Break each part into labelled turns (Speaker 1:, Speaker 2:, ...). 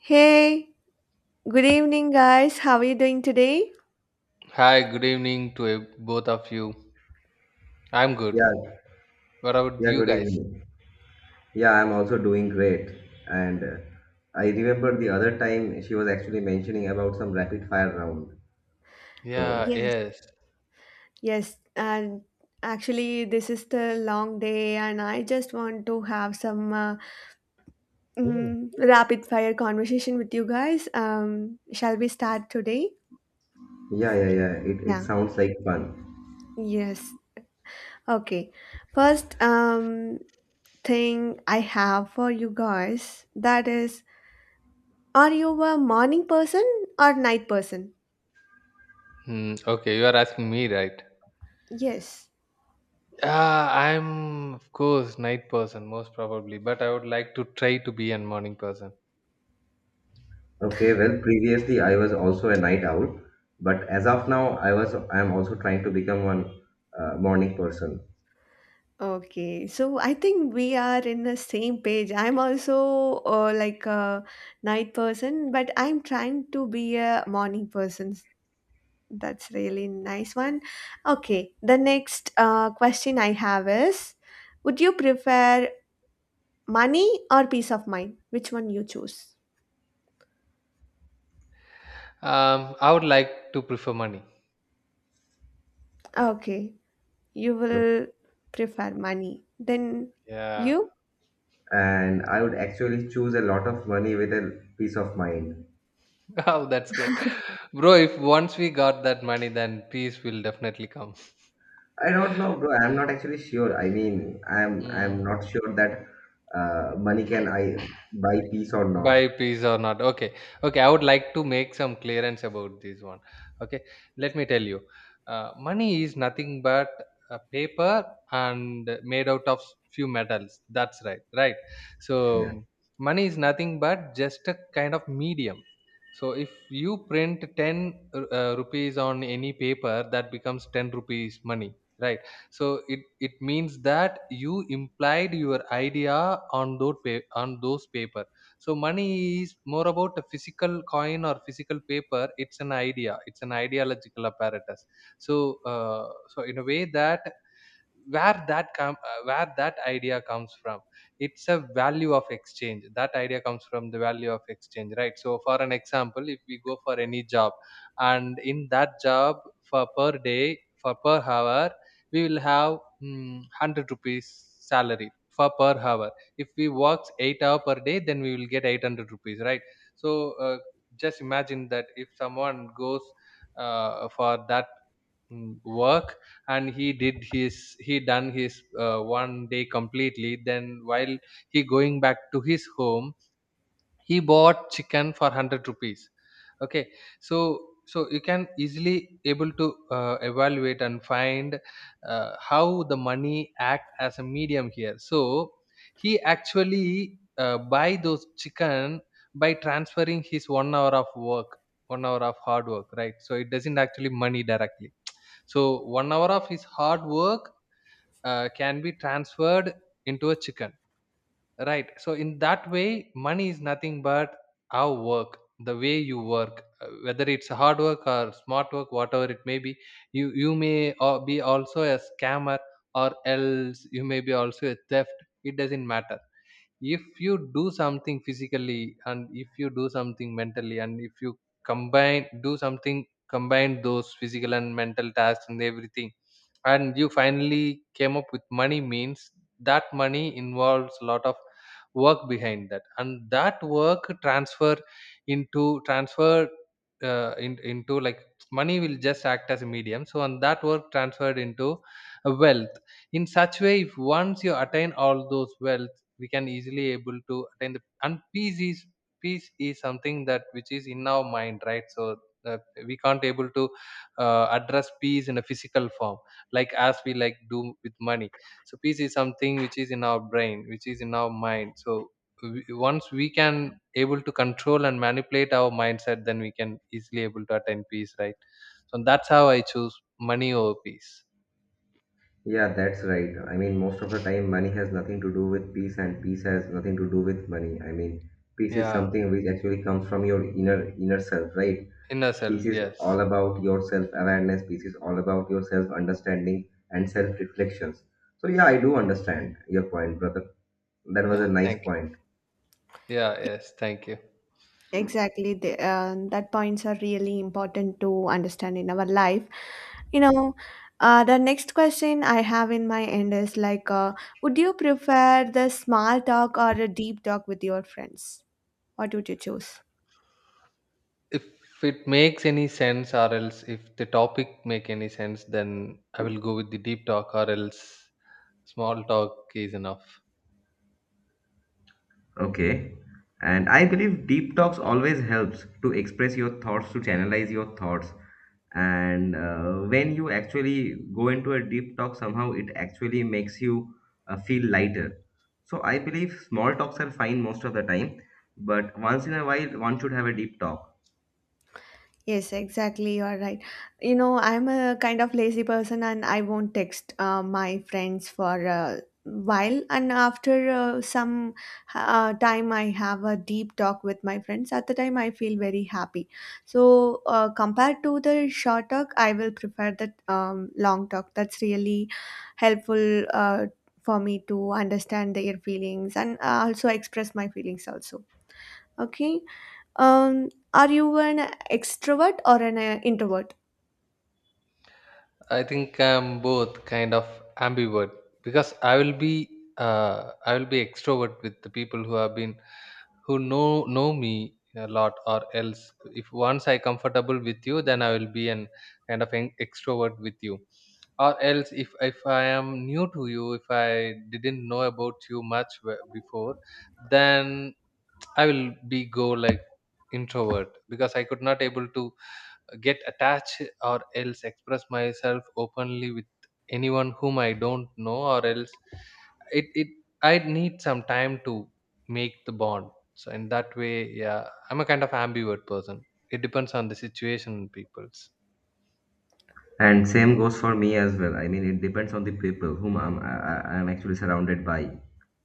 Speaker 1: Hey, good evening, guys. How are you doing today?
Speaker 2: Hi, good evening to both of you. I'm good.
Speaker 3: Yeah,
Speaker 2: What about
Speaker 3: yeah,
Speaker 2: you
Speaker 3: good
Speaker 2: guys?
Speaker 3: evening. Yeah, I'm also doing great. And I remember the other time she was actually mentioning about some rapid fire round. So,
Speaker 2: Yeah,
Speaker 1: Yes,
Speaker 2: yes.
Speaker 1: yes. And actually, this is the long day, and I just want to have some rapid fire conversation with you guys. Shall we start today?
Speaker 3: yeah, yeah, yeah, it
Speaker 1: Yeah.
Speaker 3: sounds like fun.
Speaker 1: Yes. Okay. First, thing I have for you guys that is, are you a morning person or night person?
Speaker 2: Okay, you are asking me, right?
Speaker 1: Yes.
Speaker 2: I'm, of course, night person, most probably, but I would like to try to be a morning person.
Speaker 3: Okay, well, previously I was also a night owl, but as of now, I'm also trying to become one morning person.
Speaker 1: Okay, so I think we are in the same page. I'm also like a night person, but I'm trying to be a morning person. That's really nice one. Okay, the next question I have is, would you prefer money or peace of mind? Which one you choose?
Speaker 2: I would like to prefer money.
Speaker 1: Okay, you will prefer money. Then
Speaker 2: Yeah.
Speaker 1: you?
Speaker 3: And I would actually choose a lot of money with a peace of mind.
Speaker 2: Oh, that's great. Bro, if once we got that money, then peace will definitely come.
Speaker 3: I don't know, bro. I'm not actually sure. I mean, I'm
Speaker 2: Mm.
Speaker 3: not sure that money can I buy peace or not.
Speaker 2: Buy peas or not. Okay, okay, I would like to make some clearance about this one. Okay, let me tell you, money is nothing but a paper and made out of few metals, that's right, right? So
Speaker 3: Yeah,
Speaker 2: money is nothing but just a kind of medium. So if you print 10 rupees on any paper, that becomes 10 rupees money, right? So it means that you implied your idea on on those papers. So money is more about a physical coin or physical paper. It's an idea. It's an ideological apparatus. So so in a way that where where that idea comes from, it's a value of exchange. That idea comes from the value of exchange, right? So for an example, if we go for any job, and in that job, for per day, for per hour, we will have 100 rupees salary for per hour. If we works 8 hour per day, then we will get 800 rupees, right? So just imagine that if someone goes for that work, and he done his one day completely, then while he going back to his home, he bought chicken for 100 rupees. Okay, so so you can easily able to evaluate and find how the money act as a medium here. So he actually buy those chicken by transferring his one hour of work, one hour of hard work, right? So it doesn't actually money directly. So 1 hour of his hard work can be transferred into a chicken, right? So in that way, money is nothing but our work, the way you work, whether it's hard work or smart work, whatever it may be. You may be also a scammer, or else you may be also a theft. It doesn't matter, if you do something physically and if you do something mentally and if you combine do something, combine those physical and mental tasks and everything, and you finally came up with money means that money involves a lot of work behind that, and that work transfer into transfer into like money will just act as a medium. So and that work transferred into a wealth. In such way, if once you attain all those wealth, we can easily able to attain the, and peace is, peace is something that which is in our mind, right? So that we can't able to address peace in a physical form, like as we like do with money. So peace is something which is in our brain, which is in our mind. So once we can able to control and manipulate our mindset, then we can easily able to attain peace, right? So that's how I choose money over peace.
Speaker 3: yeah, that's right. I mean, most of the time, money has nothing to do with peace, and peace has nothing to do with money. I mean, peace is
Speaker 2: Yeah,
Speaker 3: something which actually comes from your inner self, right?
Speaker 2: inner
Speaker 3: Peace
Speaker 2: self,
Speaker 3: is
Speaker 2: yes.
Speaker 3: all about your self awareness. Peace is all about your self understanding and self reflections. So yeah, I do understand your point, brother. That was
Speaker 2: Yeah,
Speaker 3: a nice
Speaker 2: thank
Speaker 3: point.
Speaker 2: you. Yeah, yes, thank you.
Speaker 1: Exactly, the, that points are really important to understand in our life. You know, the next question I have in my end is like, would you prefer the small talk or a deep talk with your friends? What would you choose?
Speaker 2: If it makes any sense, or else if the topic make any sense, then I will go with the deep talk, or else small talk is enough.
Speaker 3: Okay. And I believe deep talks always helps to express your thoughts, to channelize your thoughts. And When you actually go into a deep talk, somehow it actually makes you feel lighter. So I believe small talks are fine most of the time, but once in a while, one should have a deep talk.
Speaker 1: Yes, exactly. You are right. You know, I'm a kind of lazy person and I won't text my friends for a while. And after some time, I have a deep talk with my friends. At the time, I feel very happy. So, compared to the short talk, I will prefer the long talk. That's really helpful for me to understand their feelings and also express my feelings also. Okay. Are you an extrovert or an introvert?
Speaker 2: I think I'm both kind of ambivert, because I will be extrovert with the people who have been, who know me a lot, or else if once I comfortable with you, then I will be an kind of an extrovert with you. Or else if I am new to you, if I didn't know about you before, then I will be go like introvert, because I could not able to get attached or else express myself openly with anyone whom I don't know, or else it it I need some time to make the bond. So in that way, yeah, I'm a kind of ambivert person. It depends on the situation and people's.
Speaker 3: And same goes for me as well. I mean, it depends on the people whom I'm actually surrounded by.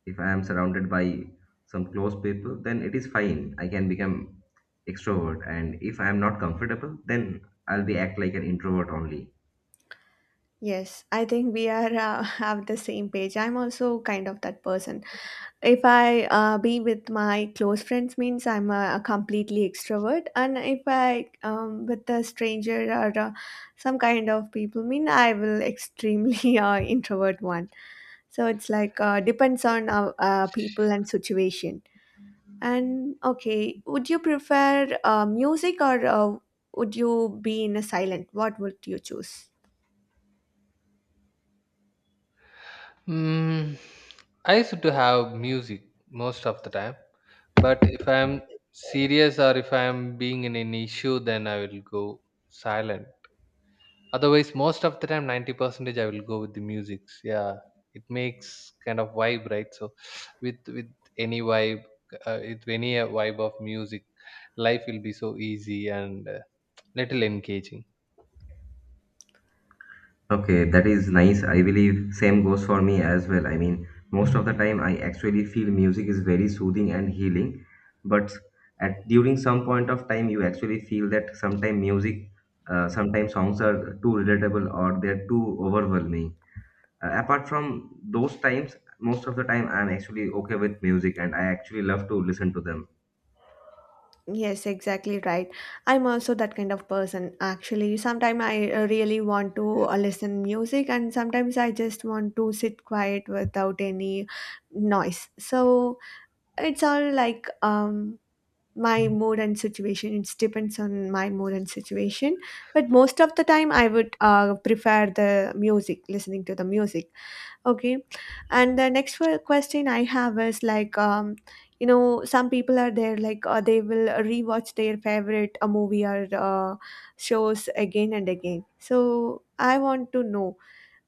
Speaker 3: If I am surrounded by some close people, then it is fine. I can become extrovert. And if I am not comfortable, then I'll be act like an introvert only.
Speaker 1: Yes, I think we are have the same page. I'm also kind of that person. If I be with my close friends, means I'm a completely extrovert, and if I with a stranger or some kind of people, mean I will extremely introvert one. So it's like depends on people and situation. And okay, would you prefer music or would you be in a silent? What would you choose?
Speaker 2: Mm, I used to have music most of the time, but if I'm serious or if I'm being in an issue, then I will go silent. Otherwise, most of the time, 90 percentage I will go with the musics, yeah. It makes kind of vibe, right? So with any vibe, with any vibe of music, life will be so easy and little engaging.
Speaker 3: Okay, that is nice. I believe same goes for me as well. I mean, most of the time I actually feel music is very soothing and healing, but at during some point of time you actually feel that sometimes music, sometimes songs are too relatable or they're too overwhelming. Apart from those times, most of the time I'm actually okay with music and I actually love to listen to them.
Speaker 1: Yes, exactly right. I'm also that kind of person actually. Sometimes I really want to listen music and sometimes I just want to sit quiet without any noise. So it's all like my mood and situation. It depends on my mood and situation. But most of the time I would prefer the music, listening to the music. Okay. And the next question I have is like, you know, some people are there, like, they will rewatch their favorite movie or shows again and again. So I want to know,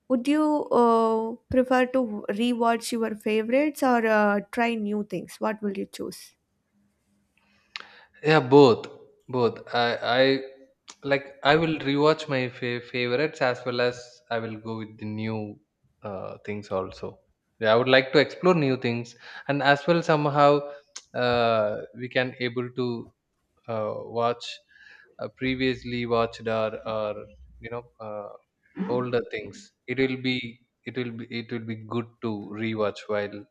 Speaker 1: would you prefer to rewatch your favorites or try new things? What will you choose?
Speaker 2: Yeah, both, both. I like. I will rewatch my favorites as well as I will go with the new things also. Yeah, I would like to explore new things, and as well somehow we can able to watch previously watched or you know uh, older things. It will be, it will be good to rewatch while.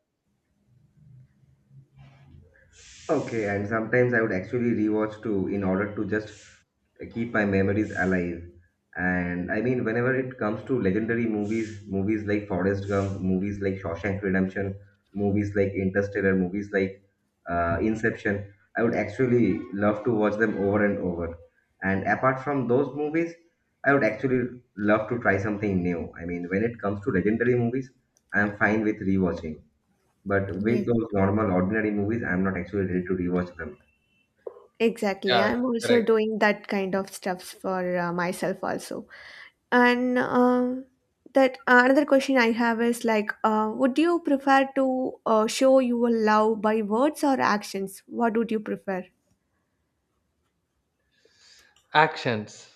Speaker 3: Okay, and sometimes I would actually rewatch too in order to just keep my memories alive. And I mean, whenever it comes to legendary movies, movies like Forrest Gump, movies like Shawshank Redemption, movies like Interstellar, movies like Inception, I would actually love to watch them over and over. And apart from those movies, I would actually love to try something new. I mean, when it comes to legendary movies, I'm fine with rewatching. But with
Speaker 1: Yes.
Speaker 3: those normal, ordinary movies, I'm not actually ready to rewatch them.
Speaker 1: Exactly.
Speaker 2: Yeah,
Speaker 1: I'm also
Speaker 2: correct.
Speaker 1: doing that kind of stuffs for myself also. And that another question I have is like, would you prefer to show your love by words or actions? What would you prefer?
Speaker 2: Actions.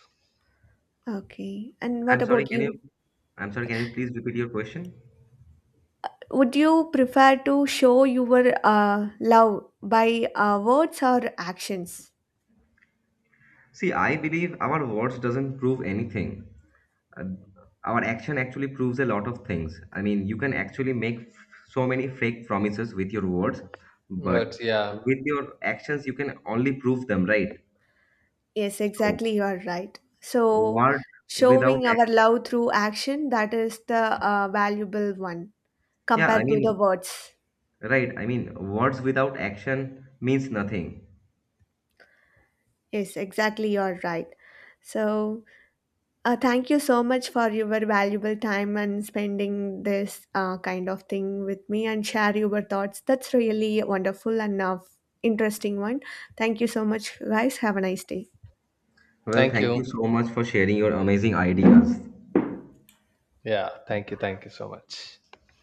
Speaker 1: Okay. And what
Speaker 3: I'm sorry,
Speaker 1: about
Speaker 3: can you?
Speaker 1: you?
Speaker 3: I'm sorry, can you please repeat your question?
Speaker 1: Would you prefer to show your love by words or actions?
Speaker 3: See, I believe our words doesn't prove anything. Uh, our action actually proves a lot of things. I mean, you can actually make so many fake promises with your words, but
Speaker 2: But yeah,
Speaker 3: with your actions, you can only prove them, right?
Speaker 1: Yes,
Speaker 3: So,
Speaker 1: exactly. You are right. So,
Speaker 3: word without
Speaker 1: showing our
Speaker 3: act-
Speaker 1: love through action that is the valuable one
Speaker 3: yeah, I
Speaker 1: compared to the
Speaker 3: mean,
Speaker 1: words.
Speaker 3: right. I mean, words without action means nothing.
Speaker 1: Yes, exactly. You are right. So, thank you so much for your valuable time and spending this kind of thing with me and share your thoughts. That's really wonderful and interesting one. Thank you so much, guys. Have a nice day.
Speaker 3: Well,
Speaker 2: thank
Speaker 3: thank
Speaker 2: you.
Speaker 3: you so much for sharing your amazing ideas.
Speaker 2: Yeah, thank you. Thank you so much.